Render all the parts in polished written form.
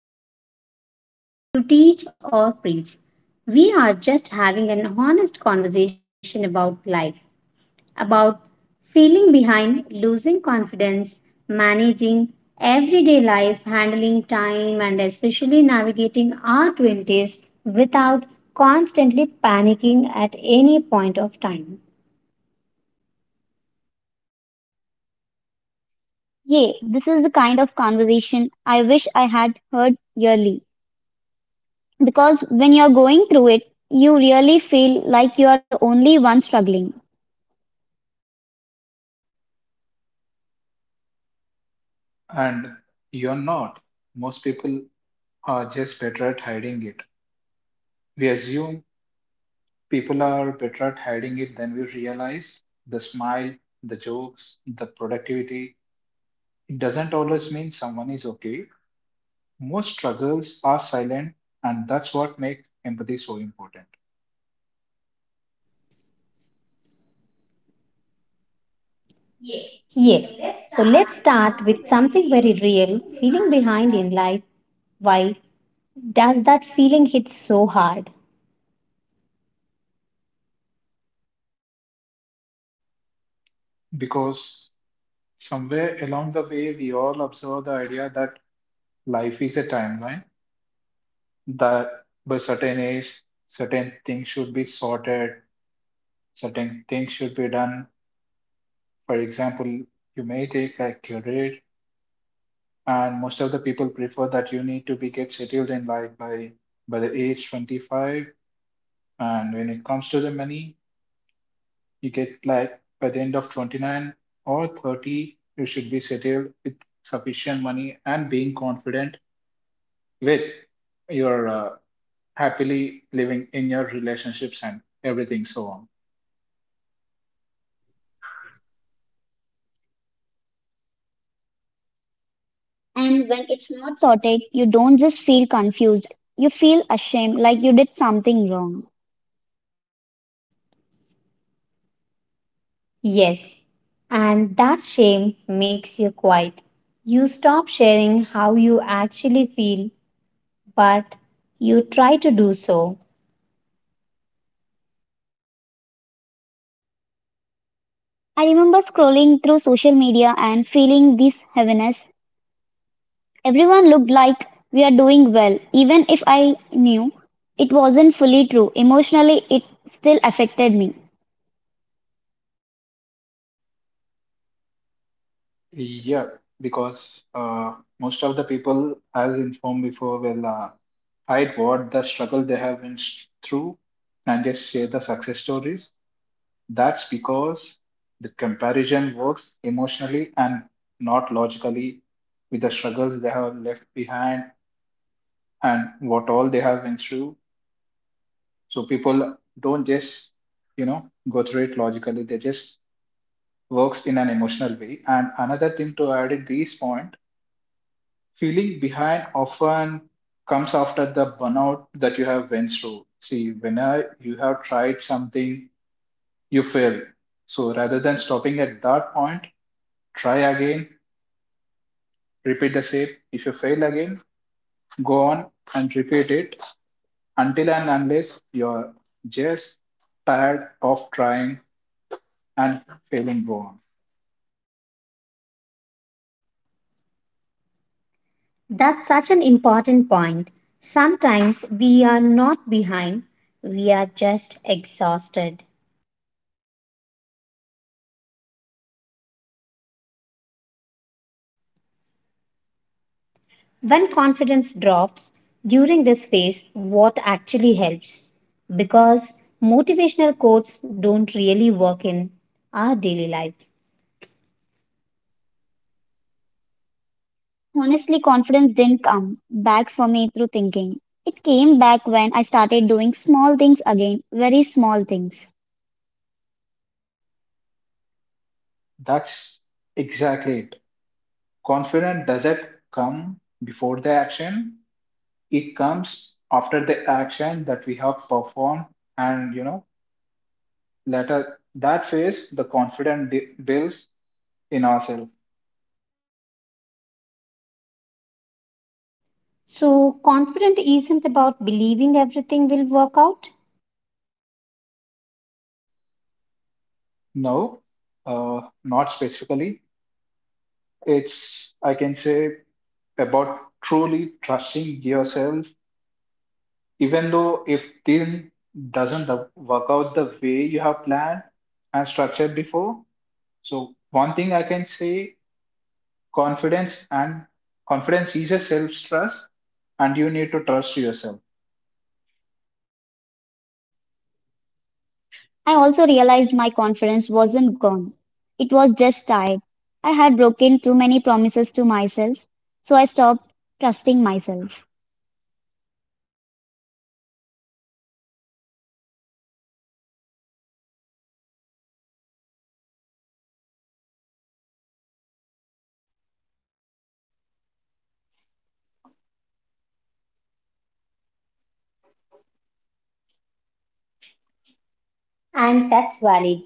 because we are not here to teach or preach. We are just having an honest conversation about life, about feeling behind, losing confidence, managing everyday life, handling time, and especially navigating our 20s without constantly panicking at any point of time. And you're not. Most people are just better at hiding it. We assume people are better at hiding it than we realize. The smile, the jokes, the productivity. It doesn't always mean someone is okay. Most struggles are silent, and that's what makes empathy so important. Yes. So let's start with something very real, feeling behind in life. Why does that feeling hit so hard? Because somewhere along the way, we all observe the idea that life is a timeline, that by certain age, certain things should be sorted, certain things should be done. For example, you may take a career, and most of the people prefer that you need to be get settled in life by the age 25. And when it comes to the money, you get like by the end of 29 or 30, you should be settled with sufficient money and being confident with your happily living in your relationships and everything so on. Yes. And that shame makes you quiet. You stop sharing how you actually feel, but you try to do so. Yeah, because most of the people, as informed before, will hide what the struggle they have been through and just share the success stories. That's because the comparison works emotionally and not logically with the struggles they have left behind and what all they have been through. So people don't just, you know, go through it logically. They just works in an emotional way. And another thing to add at this point, feeling behind often comes after the burnout that you have went through. See, whenever you have tried something, you failed. So rather than stopping at that point, try again, repeat the same. If you fail again, go on and repeat it until and unless you're just tired of trying and failing, go on. That's such an important point. Sometimes we are not behind, we are just exhausted. When confidence drops during this phase, what actually helps? Because motivational quotes don't really work in our daily life. That's exactly it. Confidence doesn't come before the action. It comes after the action that we have performed, and you know, later that phase, the builds in ourselves. So, confident isn't about believing everything will work out. No, not specifically. It's, I can say, about truly trusting yourself, even though if thing doesn't work out the way you have planned and structured before. So one thing I can say, confidence and confidence is a self trust and you need to trust yourself. And that's valid.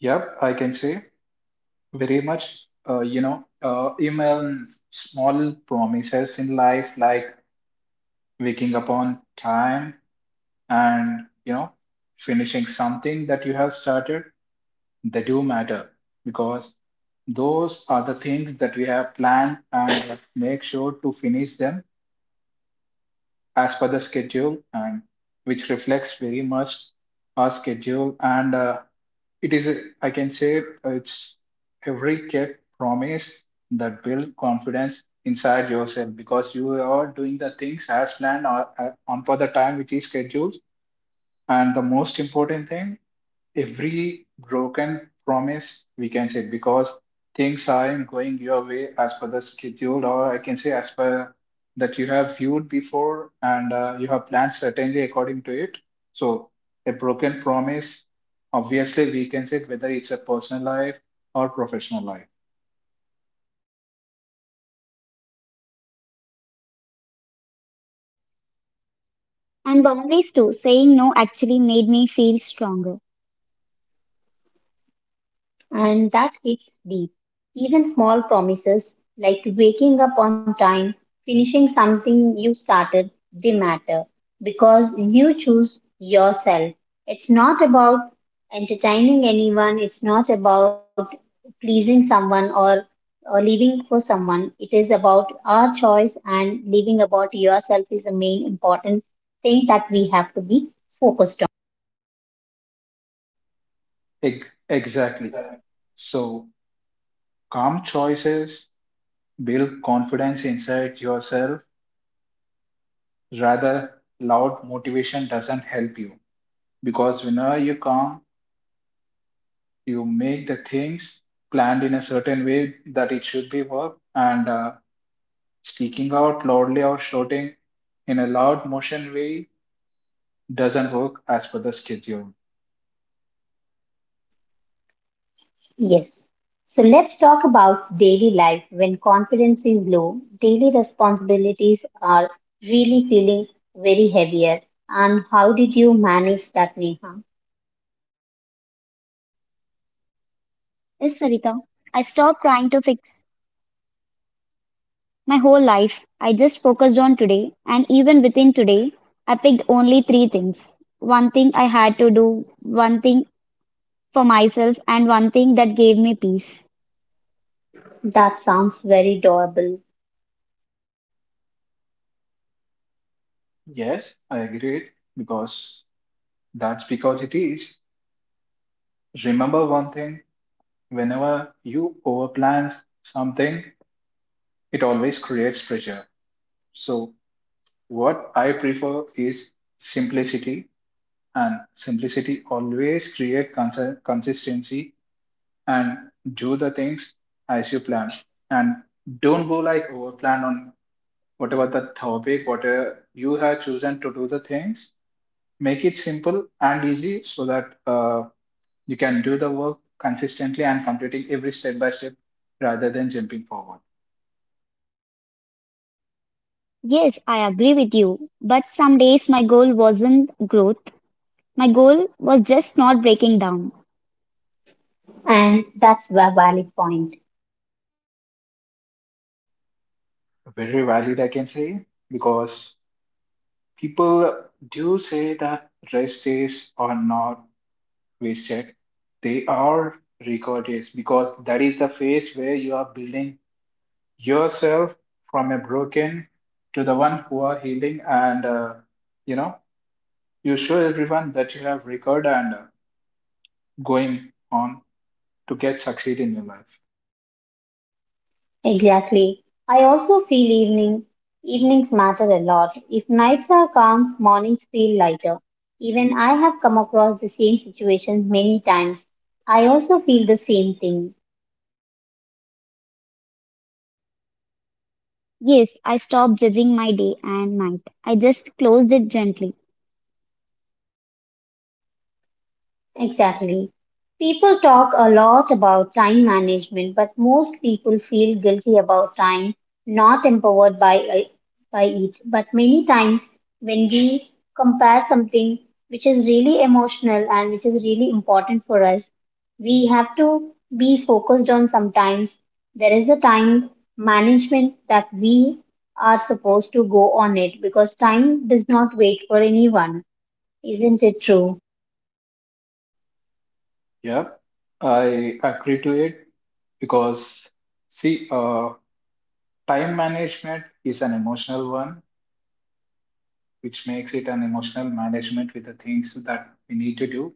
Yep, I can say very much. You know, even small promises in life like waking up on time and you know finishing something that you have started, they do matter because those are the things that we have planned and make sure to finish them as per the schedule, and which reflects very much our schedule. And it is a- I can say it's every kept promise that build confidence inside yourself because you are doing the things as planned, or on for the time which is scheduled. And the most important thing, every broken promise, we can say, because things aren't going your way as per the schedule, or I can say as per that you have viewed before, and you have planned certainly according to it. So a broken promise, obviously we can say, whether it's a personal life or professional life. And that hits deep. Even small promises like waking up on time, finishing something you started, they matter because you choose yourself. It's not about entertaining anyone, it's not about pleasing someone or living for someone. It is about our choice, and living about yourself is the main important thing that we have to be focused. Exactly. So calm choices build confidence inside yourself, rather loud motivation doesn't help you. Because whenever you calm, you make the things planned in a certain way that it should be worked. And speaking out loudly or shouting in a loud motion way doesn't work as per the schedule. Yes. So let's talk about daily life when confidence is low. Daily responsibilities are really feeling very heavier. And how did you manage that, Neha? That sounds very doable. Yes, I agree. Because that's because it is, remember one thing, whenever you overplan something, it always creates pressure. So what I prefer is simplicity, and simplicity always create consistency. And do the things as you plan, and don't go like over plan on whatever the topic, whatever you have chosen to do the things, make it simple and easy so that you can do the work consistently and completing every step by step rather than jumping forward. And that's a valid point. Very valid, I can say. Because people do say that rest days are not wasted, they are record days, because that is the phase where you are building yourself from a broken to the one who are healing. And you know, you show everyone that you have record, and going on to get succeed in your life. Exactly. I also feel evenings matter a lot. If nights are calm, mornings feel lighter. Even I have come across the same situation many times. I also feel the same thing. Exactly. People talk a lot about time management, but most people feel guilty about time, not empowered by it. But many times, when we compare something which is really emotional and which is really important for us, we have to be focused on sometimes. There is a time management that we are supposed to go on it, because time does not wait for anyone. Isn't it true? Yep, I agree to it. Because see, time management is an emotional one, which makes it an emotional management with the things that we need to do.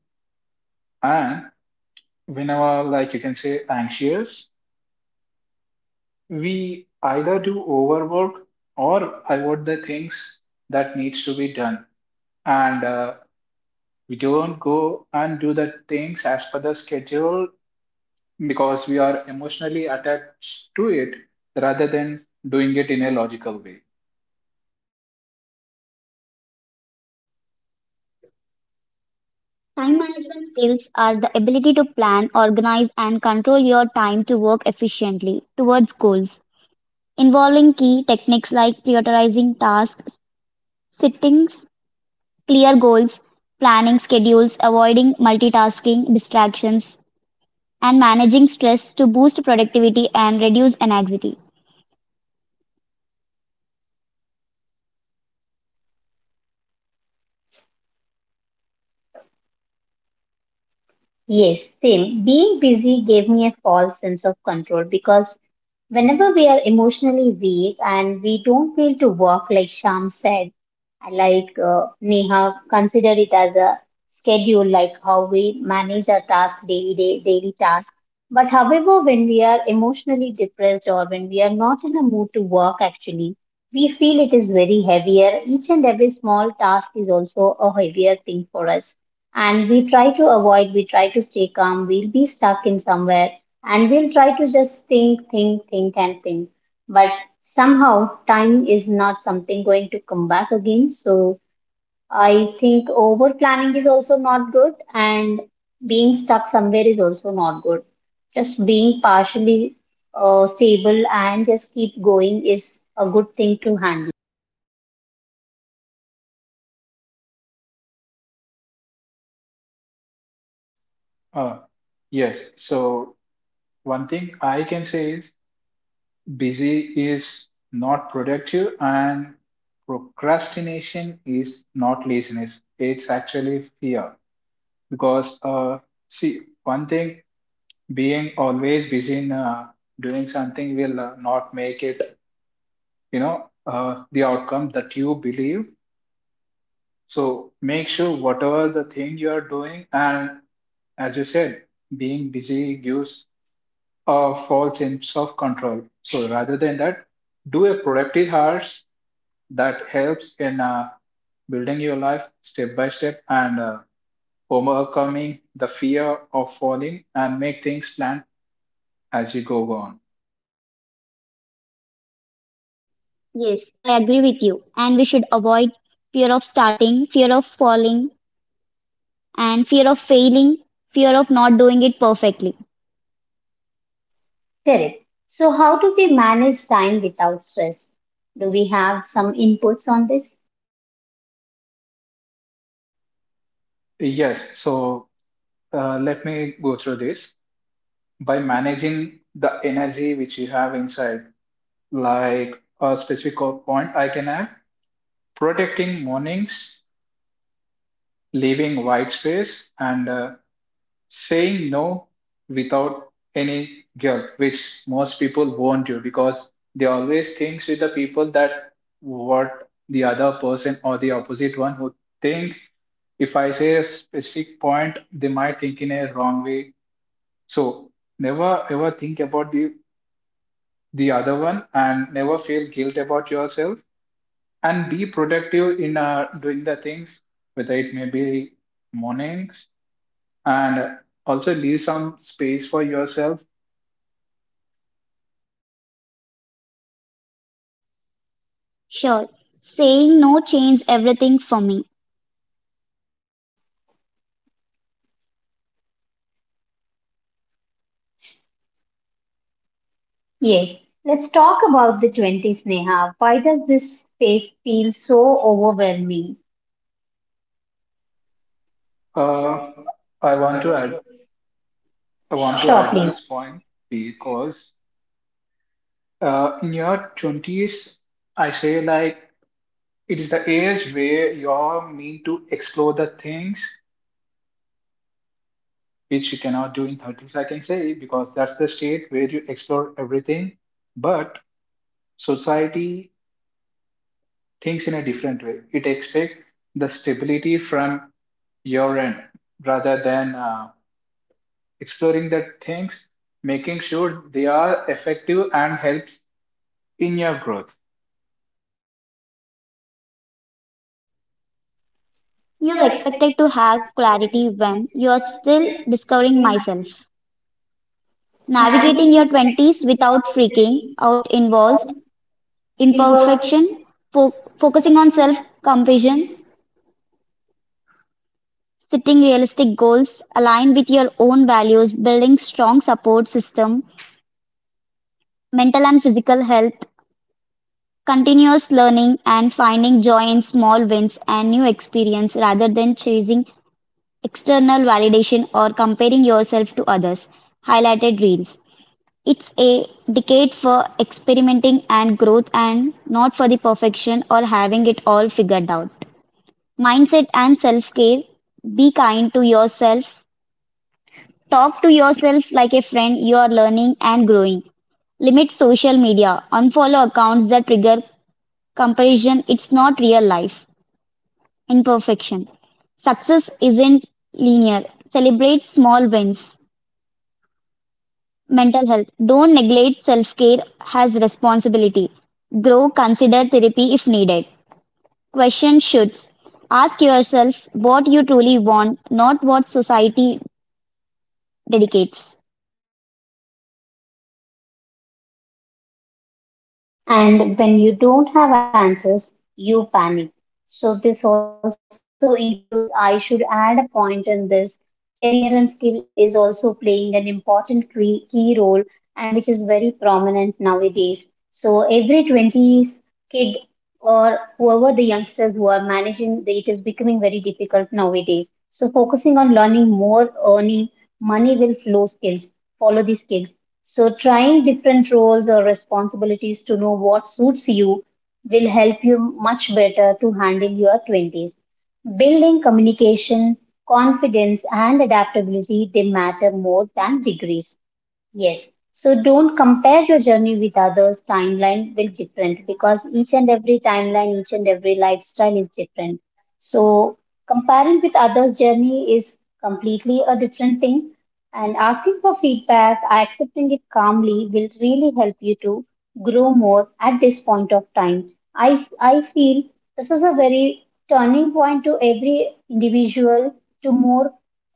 And whenever, like you can say, anxious, we either do overwork or avoid the things that needs to be done. And we don't go and do the things as per the schedule because we are emotionally attached to it rather than doing it in a logical way. Yes, Tim, being busy gave me a false sense of control because whenever we are emotionally weak and we don't feel to walk, like Sham said, I like Neha, consider it as a schedule, like how we manage our task daily, daily task. But however, when we are emotionally depressed or when we are not in a mood to work, actually, we feel it is very heavier. Each and every small task is also a heavier thing for us. And we try to avoid, we try to stay calm, we'll be stuck in somewhere, and we'll try to just think, and think. But somehow, time is not something going to come back again. So I think over planning is also not good, and being stuck somewhere is also not good. Just being partially stable and just keep going is a good thing to handle. Uh, yes. So one thing I can say is busy is not productive, and procrastination is not laziness. It's actually fear. Because see, one thing, being always busy in doing something will not make it, you know, the outcome that you believe. So make sure whatever the thing you are doing, and as you said, being busy gives a false sense of control. So rather than that, do a productive hours that helps in building your life step by step. And overcoming the fear of falling and make things plan as you go on. Correct. So, how do we manage time without stress? Do we have some inputs on this? Yes, so let me go through this. By managing the energy which you have inside, like a specific point I can add, protecting mornings, leaving white space, and saying no without any guilt, which most people won't do because they always think with the people that what the other person or the opposite one who thinks, if I say a specific point, they might think in a wrong way. So never ever think about the other one, and never feel guilt about yourself, and be productive in doing the things whether it may be mornings, and also leave some space for yourself. Yes, let's talk about the 20s, Neha. Why does this space feel so overwhelming? Uh, I want to add, I want to Sure, add this please. point, because in your 20s, I say, like it is the age where you're meant to explore the things which you cannot do in 30s, I can say, because that's the state where you explore everything, but society thinks in a different way. It expects the stability from your end rather than exploring the things, making sure they are effective and helps in your growth. And when you don't have answers, you panic. So this also includes, I should add a point in this, career and skill is also playing an important key role, and which is very prominent nowadays. So every 20s kid or whoever the youngsters who are managing, they- it is becoming very difficult nowadays. So focusing on learning more, earning money will flow skills, follow the skills. So trying different roles or responsibilities to know what suits you will help you much better to handle your 20s. Building communication, confidence, and adaptability, they matter more than degrees. Yes. So don't compare your journey with others. Timeline will different because each and every timeline, each and every lifestyle is different. So comparing with others' journey is completely a different thing. And asking for feedback, accepting it calmly will really help you to grow more at this point of time. I feel this is a very turning point to every individual to more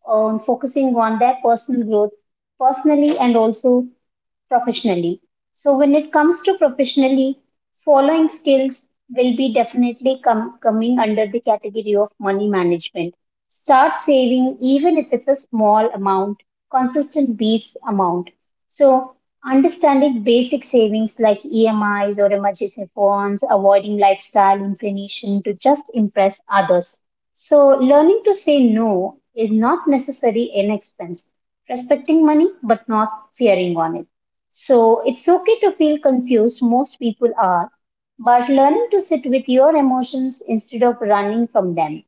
focusing on their personal growth personally, and also professionally. So when it comes to professionally, following skills will be definitely coming under the category of money management. Start saving even if it's a small amount, consistent beats amount. So understanding basic savings like EMIs or emergency funds, avoiding lifestyle inclination to just impress others. So learning to say no is not necessarily an expense, respecting money but not fearing on it. So it's okay to feel confused, most people are, but learning to sit with your emotions instead of running from them,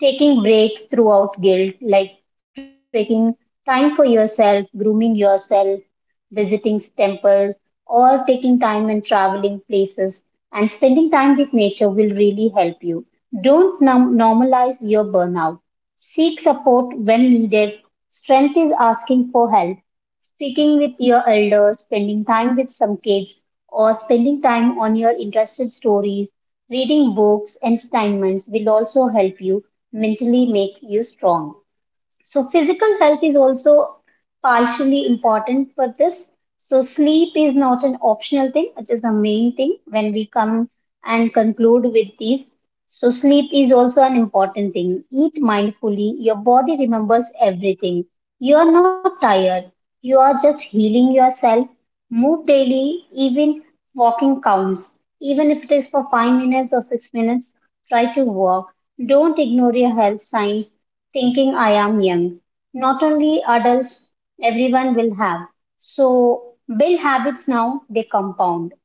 taking breaks throughout guilt, like taking time for yourself, grooming yourself, visiting temples, or taking time and traveling places and spending time with nature will really help you. Don't normalize your burnout. Seek support when needed. Strength is asking for help. Speaking with your elders, spending time with some kids, or spending time on your interested stories, reading books and assignments will also help you mentally, make you strong. So physical health is also partially important for this. So sleep is not an optional thing, it is a main thing when we come and conclude with these. So sleep is also an important thing. Eat mindfully. Your body remembers everything. You are not tired. You are just healing yourself. Move daily, even walking counts. Even if it is for 5 minutes or 6 minutes, try to walk. Don't ignore your health signs thinking I am young, not only adults, everyone will have. So build habits now, they compound.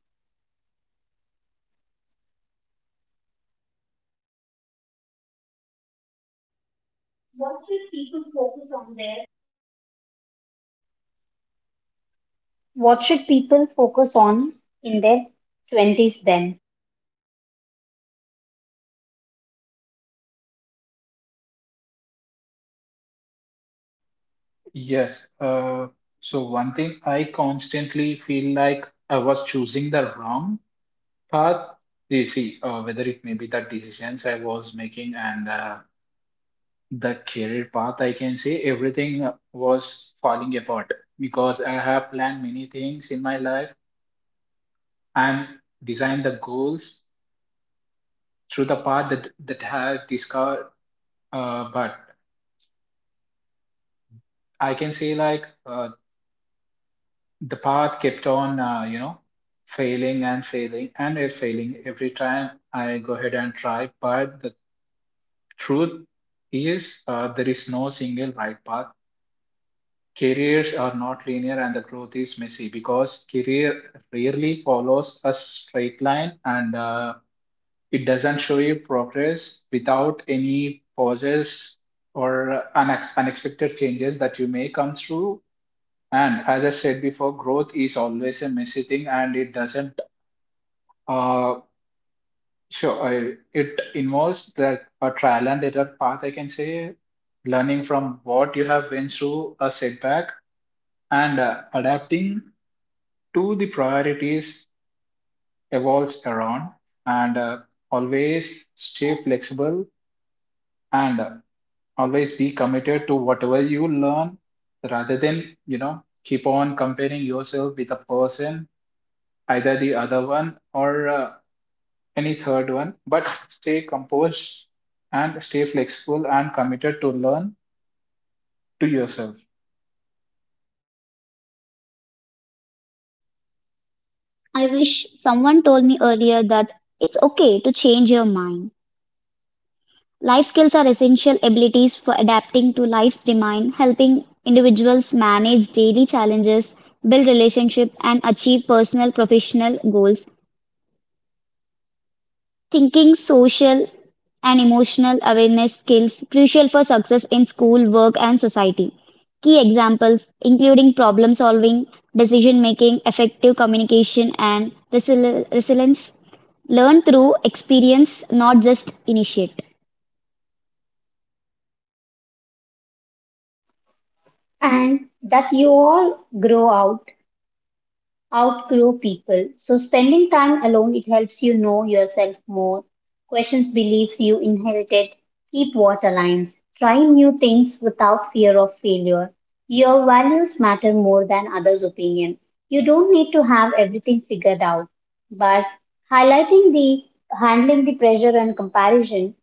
What should people focus on in their 20s then? Yes. So one thing, I constantly feel like I was choosing the wrong path. You see, whether it may be the decisions I was making, and the career path, I can say everything was falling apart because I have planned many things in my life and designed the goals through the path that I have discovered. But I can say, like the path kept on, you know, failing and failing and it failing every time I go ahead and try. But the truth is, there is no single right path. Careers are not linear and the growth is messy, because career rarely follows a straight line. And it doesn't show you progress without any pauses or unexpected changes that you may come through. And as I said before, growth is always a messy thing, and it doesn't. Uh, sure, it involves the a trial and error path, I can say, learning from what you have went through, a setback. And adapting to the priorities evolves around. And always stay flexible. And always be committed to whatever you learn, rather than you know keep on comparing yourself with a person, either the other one or any third one, but stay composed and stay flexible and committed to learn to yourself. And that you all grow out outgrow people. So spending time alone, it helps you know yourself more. Questions beliefs you inherited. Keep water lines. Try new things without fear of failure. Your values matter more than others' opinion. You don't need to have everything figured out, but highlighting the handling the pressure and comparison.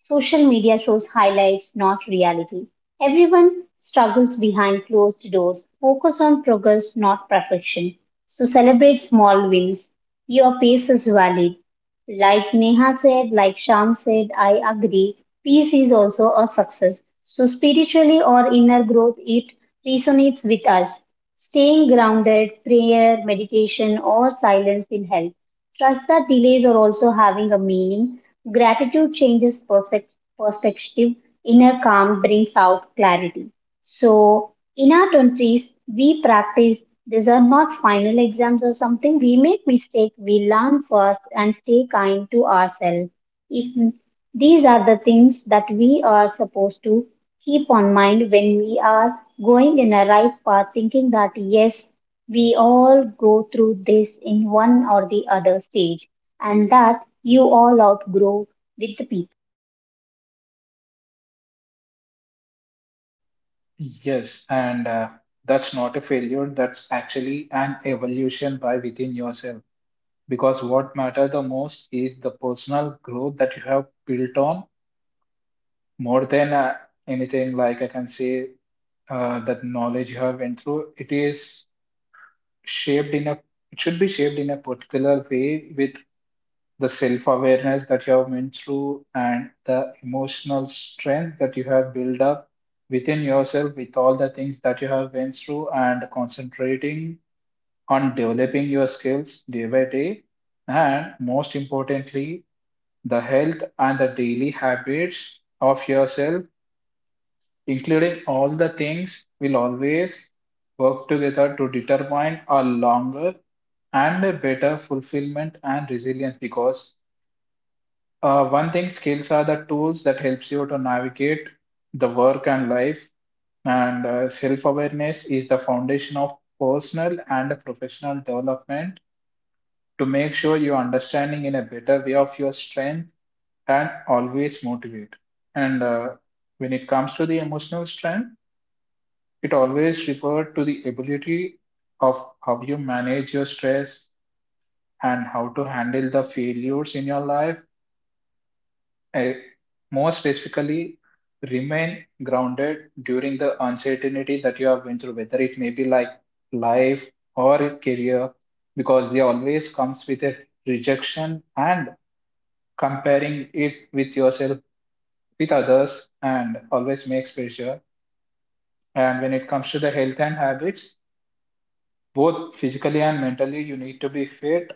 Social media shows highlights, not reality. Everyone struggles behind closed doors. Focus on progress, not perfection. So celebrate small wins. Your pace is valid. Like Neha said, like Sham said, I agree. Peace is also a success. So, spiritually or inner growth, it resonates with us. Staying grounded, prayer, meditation, or silence will help. Trust that delays are also having a meaning. Gratitude changes perspective. Inner calm brings out clarity. So in our 20s, we practice. These are not final exams or something. We make mistake. We learn first and stay kind to ourselves. If these are the things that we are supposed to keep on mind when we are going in a right path, thinking that yes, we all go through this in one or the other stage, and that you all outgrow with the people. Yes, and that's not a failure, that's actually an evolution by within yourself. Because what matters the most is the personal growth that you have built on, more than anything. Like I can say, that knowledge you have went through, it is shaped in a it should be shaped in a particular way with the self awareness that you have went through and the emotional strength that you have built up within yourself with all the things that you have went through, and concentrating on developing your skills day by day, and most importantly the health and the daily habits of yourself, including all the things, will always work together to determine a longer and a better fulfillment and resilience. Because one thing, skills are the tools that helps you to navigate the work and life, and self-awareness is the foundation of personal and professional development to make sure you're understanding in a better way of your strength and always motivate. And When it comes to the emotional strength, it always refers to the ability of how you manage your stress and how to handle the failures in your life. Uh, More specifically, remain grounded during the uncertainty that you have been through, whether it may be like life or career, because they always comes with a rejection and comparing it with yourself, with others, and always makes pressure. And when it comes to the health and habits, both physically and mentally, you need to be fit,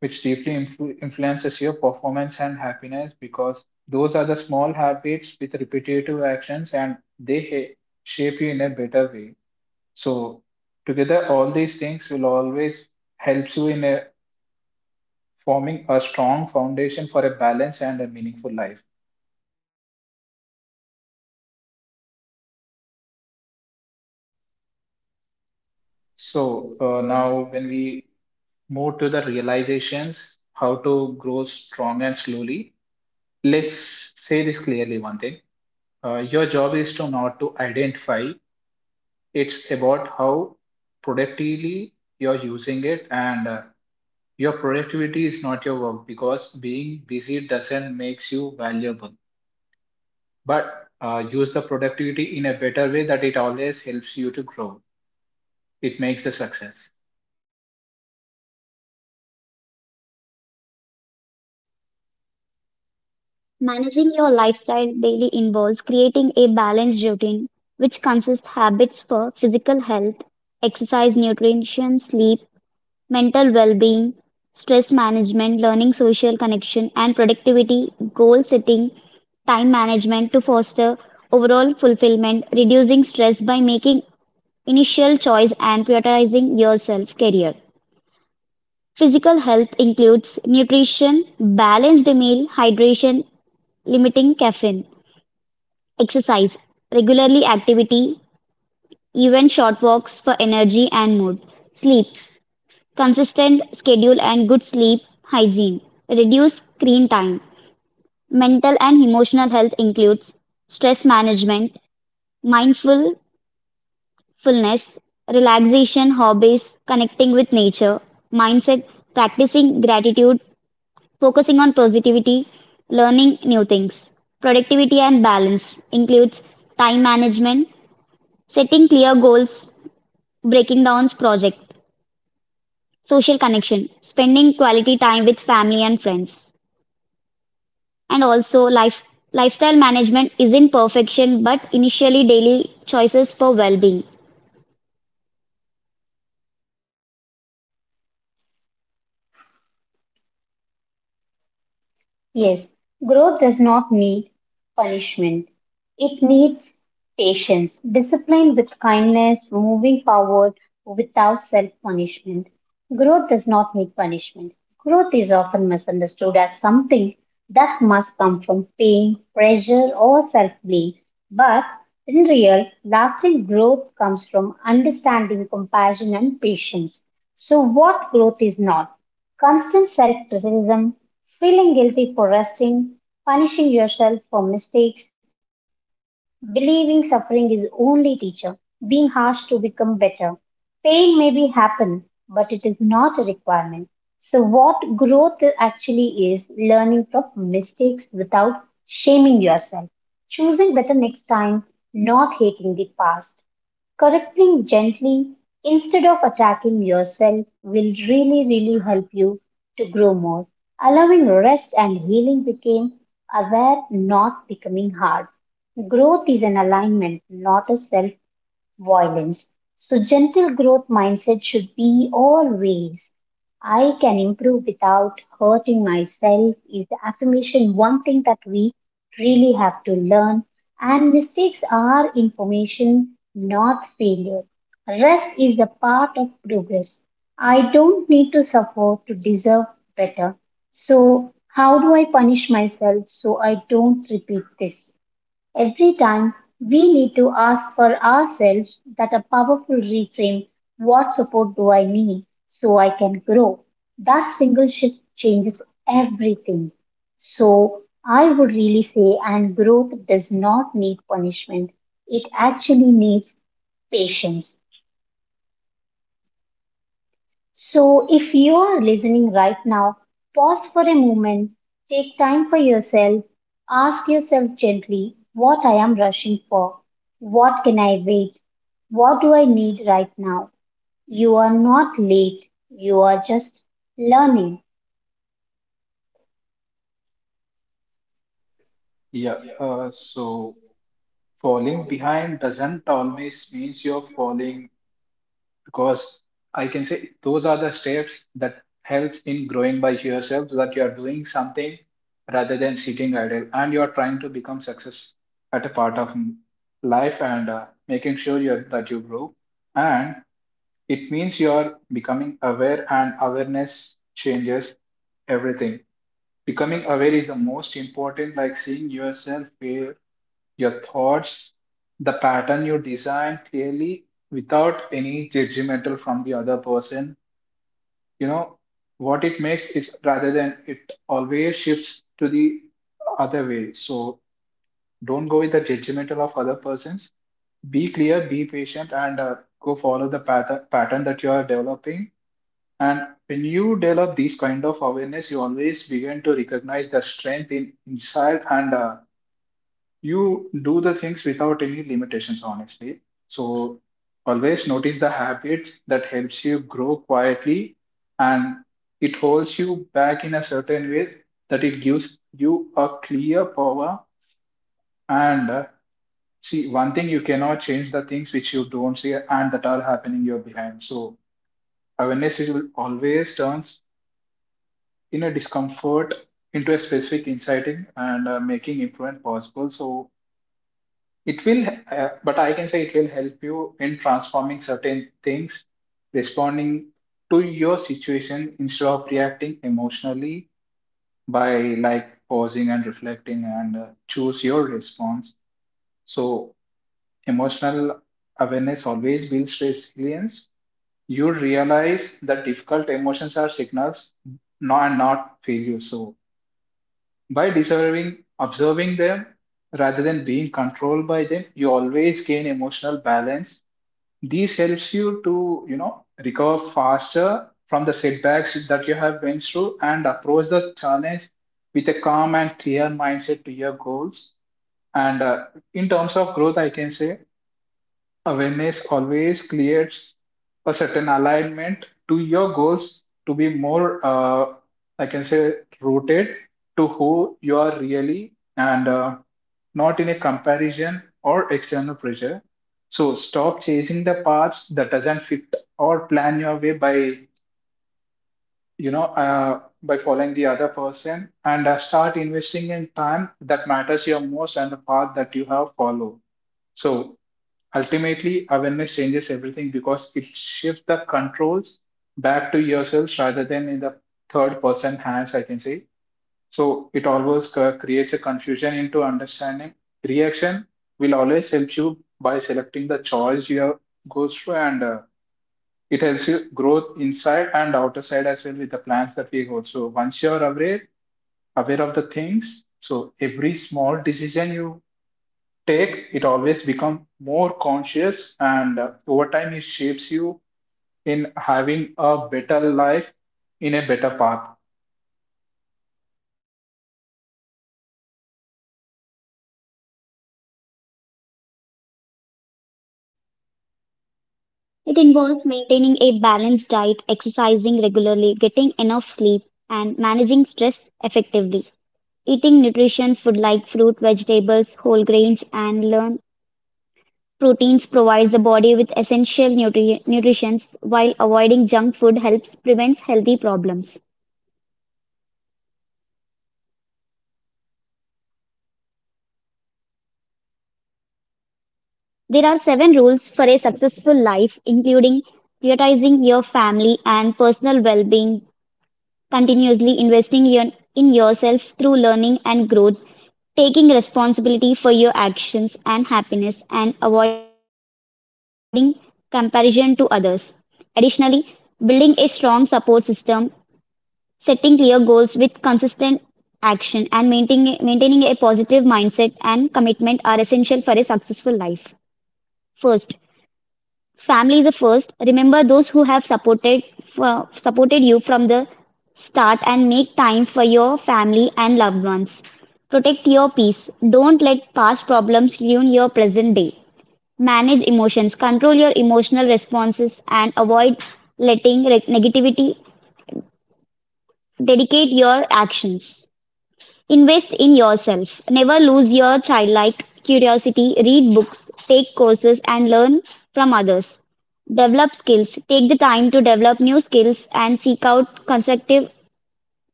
which deeply influences your performance and happiness because those are the small habits with repetitive actions and shape you in a better way. So, together, all these things will always help you in forming a strong foundation for a balanced and a meaningful life. So, now when we move to the realizations, how to grow strong and slowly, let's say this clearly one thing. Your job is to not to identify. It's about how productively you're using it, and your productivity is not your work because being busy doesn't makes you valuable. But use the productivity in a better way that it always helps you to grow. It makes a success. Yes, growth does not need punishment. It needs patience, discipline with kindness, moving forward without self punishment. Growth does not need punishment. Growth is often misunderstood as something that must come from pain, pressure, or self blame. But in real, lasting growth comes from understanding, compassion, and patience. So, what growth is not? Constant self criticism, feeling guilty for resting, punishing yourself for mistakes, believing suffering is only teacher, being harsh to become better. Pain may be happen, but it is not a requirement. So what growth actually is, learning from mistakes without shaming yourself, choosing better next time, not hating the past. Correcting gently instead of attacking yourself will really, really help you to grow more. Allowing rest and healing became aware, not becoming hard. Growth is an alignment, not a self violence. So, gentle growth mindset should be always, I can improve without hurting myself is the affirmation one thing that we really have to learn. And mistakes are information, not failure. Rest is the part of progress. I don't need to suffer to deserve better. So, how do I punish myself so I don't repeat this? Every time we need to ask for ourselves that, a powerful reframe, what support do I need so I can grow? That single shift changes everything. So I would really say, and growth does not need punishment, it actually needs patience. So, if you are listening right now, pause for a moment, take time for yourself, ask yourself gently what I am rushing for, what can I wait, what do I need right now. You are not late, you are just learning. Yeah, so falling behind doesn't always means you're falling because I can say those are the steps that helps in growing by yourself so that you are doing something rather than sitting idle and you are trying to become success at a part of life, and making sure you're, that you grow, and it means you are becoming aware, and awareness changes everything. Becoming aware is the most important, like seeing yourself where your thoughts, the pattern you design clearly without any judgmental from the other person. You know what it makes is, rather than it always shifts to the other way. So don't go with the judgmental of other persons. Be clear, be patient, and go follow the pattern that you are developing. And when you develop these kind of awareness, you always begin to recognize the strength in inside, and you do the things without any limitations, honestly. So always notice the habits that helps you grow quietly, and it holds you back in a certain way that it gives you a clear power. And see, one thing, you cannot change the things which you don't see and that are happening you're behind. So awareness will always turns in a discomfort into a specific insighting, and making improvement possible. So it will, but I can say it will help you in transforming certain things, responding to your situation instead of reacting emotionally by like pausing and reflecting, and choose your response. So, emotional awareness always builds resilience. You realize that difficult emotions are signals, not failures. So, by deserving, observing them rather than being controlled by them, you always gain emotional balance. This helps you to, you know, recover faster from the setbacks that you have went through and approach the challenge with a calm and clear mindset to your goals. And in terms of growth, I can say awareness always creates a certain alignment to your goals to be more, I can say, rooted to who you are really, and not in a comparison or external pressure. So stop chasing the paths that doesn't fit or plan your way by, you know, by following the other person, and start investing in time that matters your most and the path that you have followed. So ultimately, awareness changes everything because it shifts the controls back to yourself rather than in the third person hands, I can say. So it always creates a confusion into understanding. Reaction will always help you by selecting the choice you have goes through, and it helps you growth inside and outer side as well with the plans that we go. So once you're aware of the things, so every small decision you take, it always become more conscious, and over time it shapes you in having a better life in a better path.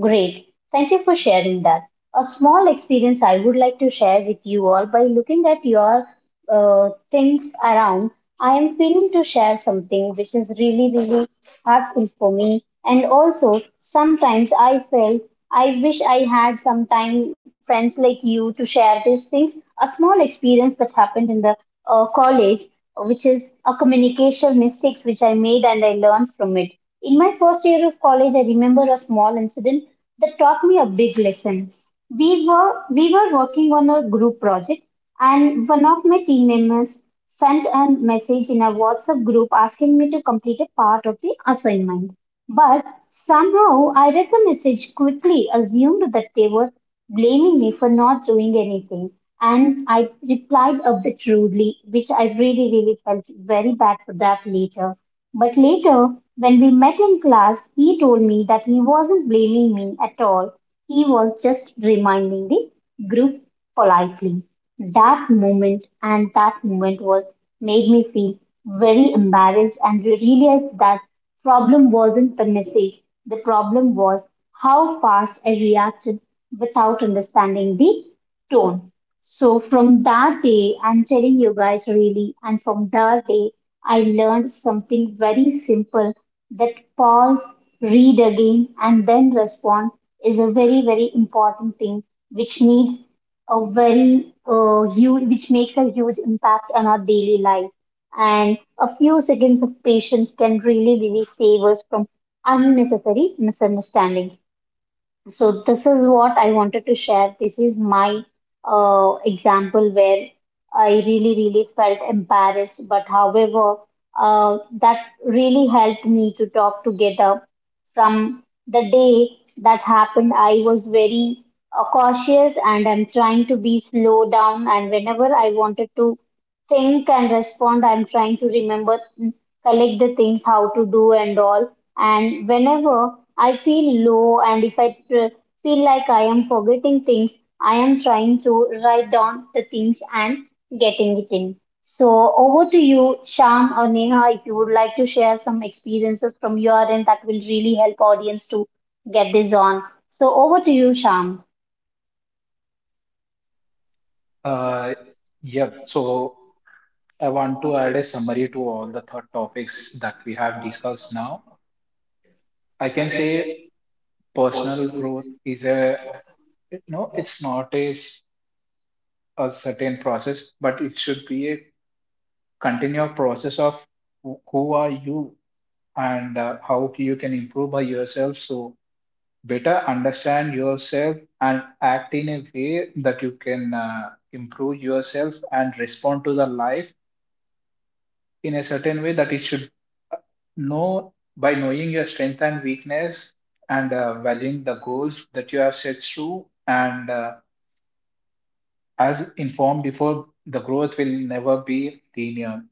Great. Thank you for sharing that. A small experience I would like to share with you all. By looking at your things around, I am feeling to share something which is really, really hurtful for me. And also, sometimes I feel I wish I had some time, friends like you, to share these things. A small experience that happened in the college, which is a communication mistakes which I made and I learned from it. In my first year of college, I remember a small incident that taught me a big lesson. We were working on a group project, and one of my team members sent a message in a WhatsApp group asking me to complete a part of the assignment. But somehow I read the message quickly, assumed that they were blaming me for not doing anything. And I replied a bit rudely, which I really, really felt very bad for that later. But later, when we met in class, he told me that he wasn't blaming me at all. He was just reminding the group politely that moment, and that moment was made me feel very embarrassed and realized that problem wasn't the message, the problem was how fast I reacted without understanding the tone. So from that day, I'm telling you guys really, and from that day I learned something very simple: that pause, read again, and then respond is a very very important thing, which needs a very huge, which makes a huge impact on our daily life. And a few seconds of patience can really, really save us from unnecessary misunderstandings. So this is what I wanted to share. This is my example where I really, really felt embarrassed, but however, that really helped me to talk together. From the day that happened, I was very cautious, and I'm trying to be slow down. And whenever I wanted to think and respond, I'm trying to remember, collect the things, how to do and all. And whenever I feel low and if I feel like I am forgetting things, I am trying to write down the things and getting it in. So over to you, Sham or Neha, if you would like to share some experiences from your end that will really help audience to get this on. So over to you, Sham. Uh, yep. So I want to add a summary to all the third topics that we have discussed now. I can say personal growth is a, no, it's not a, a certain process, but it should be a continual process of who are you, and how you can improve by yourself. So better understand yourself and act in a way that you can improve yourself and respond to the life in a certain way that it should know by knowing your strength and weakness, and valuing the goals that you have set through, and as informed before, the growth will never be linear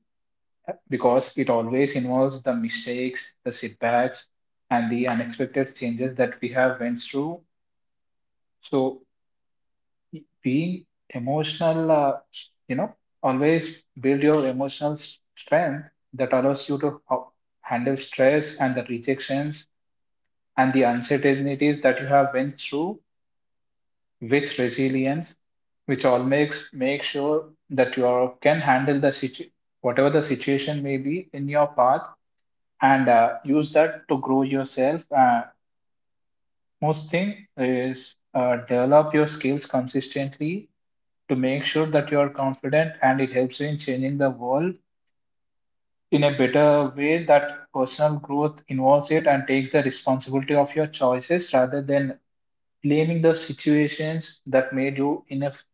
because it always involves the mistakes, the setbacks, and the unexpected changes that we have went through. So being emotional, you know, always build your emotional strength that allows you to handle stress and the rejections and the uncertainties that you have went through with resilience, which all makes make sure that you are, can handle the whatever the situation may be in your path, and use that to grow yourself. Most thing is, develop your skills consistently to make sure that you are confident and it helps you in changing the world in a better way, that personal growth involves it and takes the responsibility of your choices rather than blaming the situations that made you in a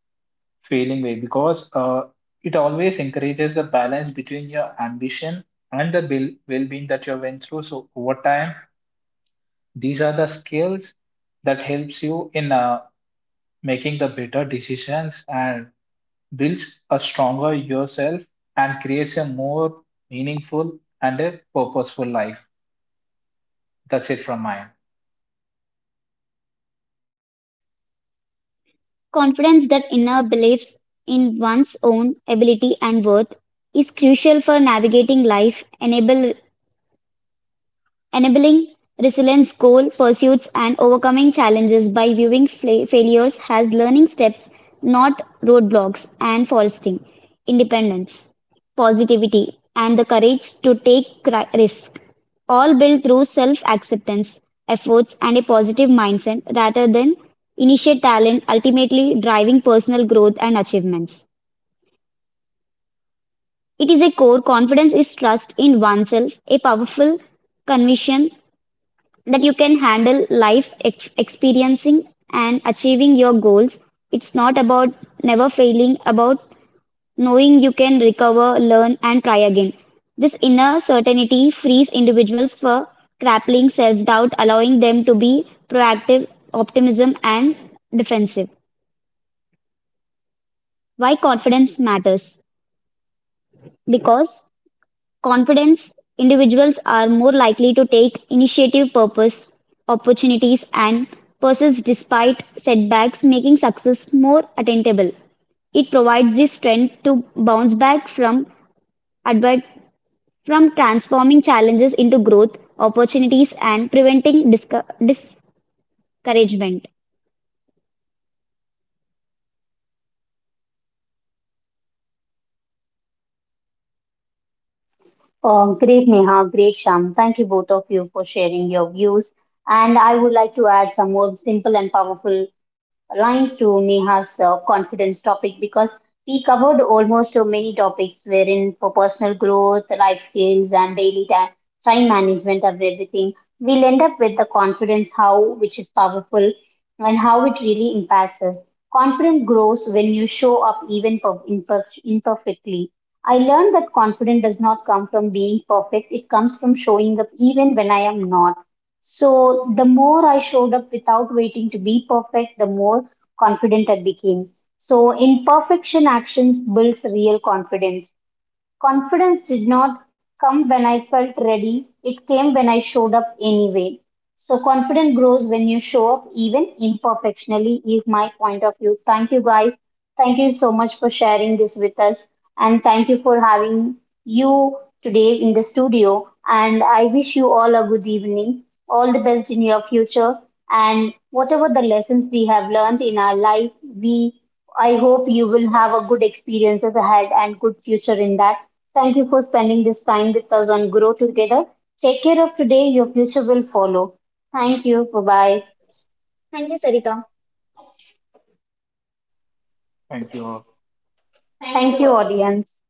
failing way, because it always encourages the balance between your ambition and the well-being that you went through. So over time these are the skills that helps you in making the better decisions and builds a stronger yourself and creates a more meaningful and a purposeful life. That's it from mine. Confident the thinker believes in one's own ability and worth is crucial for navigating life, enabling resilience, goal pursuits, and overcoming. Oh, great, Neha. Great, Sham. Thank you both of you for sharing your views. And I would like to add some more simple and powerful lines to Neha's confidence topic because we covered almost many topics wherein for personal growth, life skills, and daily time management and everything, we'll end up with the confidence how which is powerful and how it really impacts us. Confidence grows when you show up even imperfectly. I learned that confidence does not come from being perfect, it comes from showing up even when I am not. So, the more I showed up without waiting to be perfect, the more confident I became. So, imperfection actions builds real confidence. Confidence did not come when I felt ready, it came when I showed up anyway. So, confidence grows when you show up, even imperfectionally, is my point of view. Thank you, guys. Thank you so much for sharing this with us. And thank you for having you today in the studio. And I wish you all a good evening. All the best in your future. And whatever the lessons we have learned in our life, we I hope you will have a good experiences ahead and good future in that. Thank you for spending this time with us on Grow Together. Take care of today, your future will follow. Thank you. Bye bye. Thank you. All. Thank you, audience.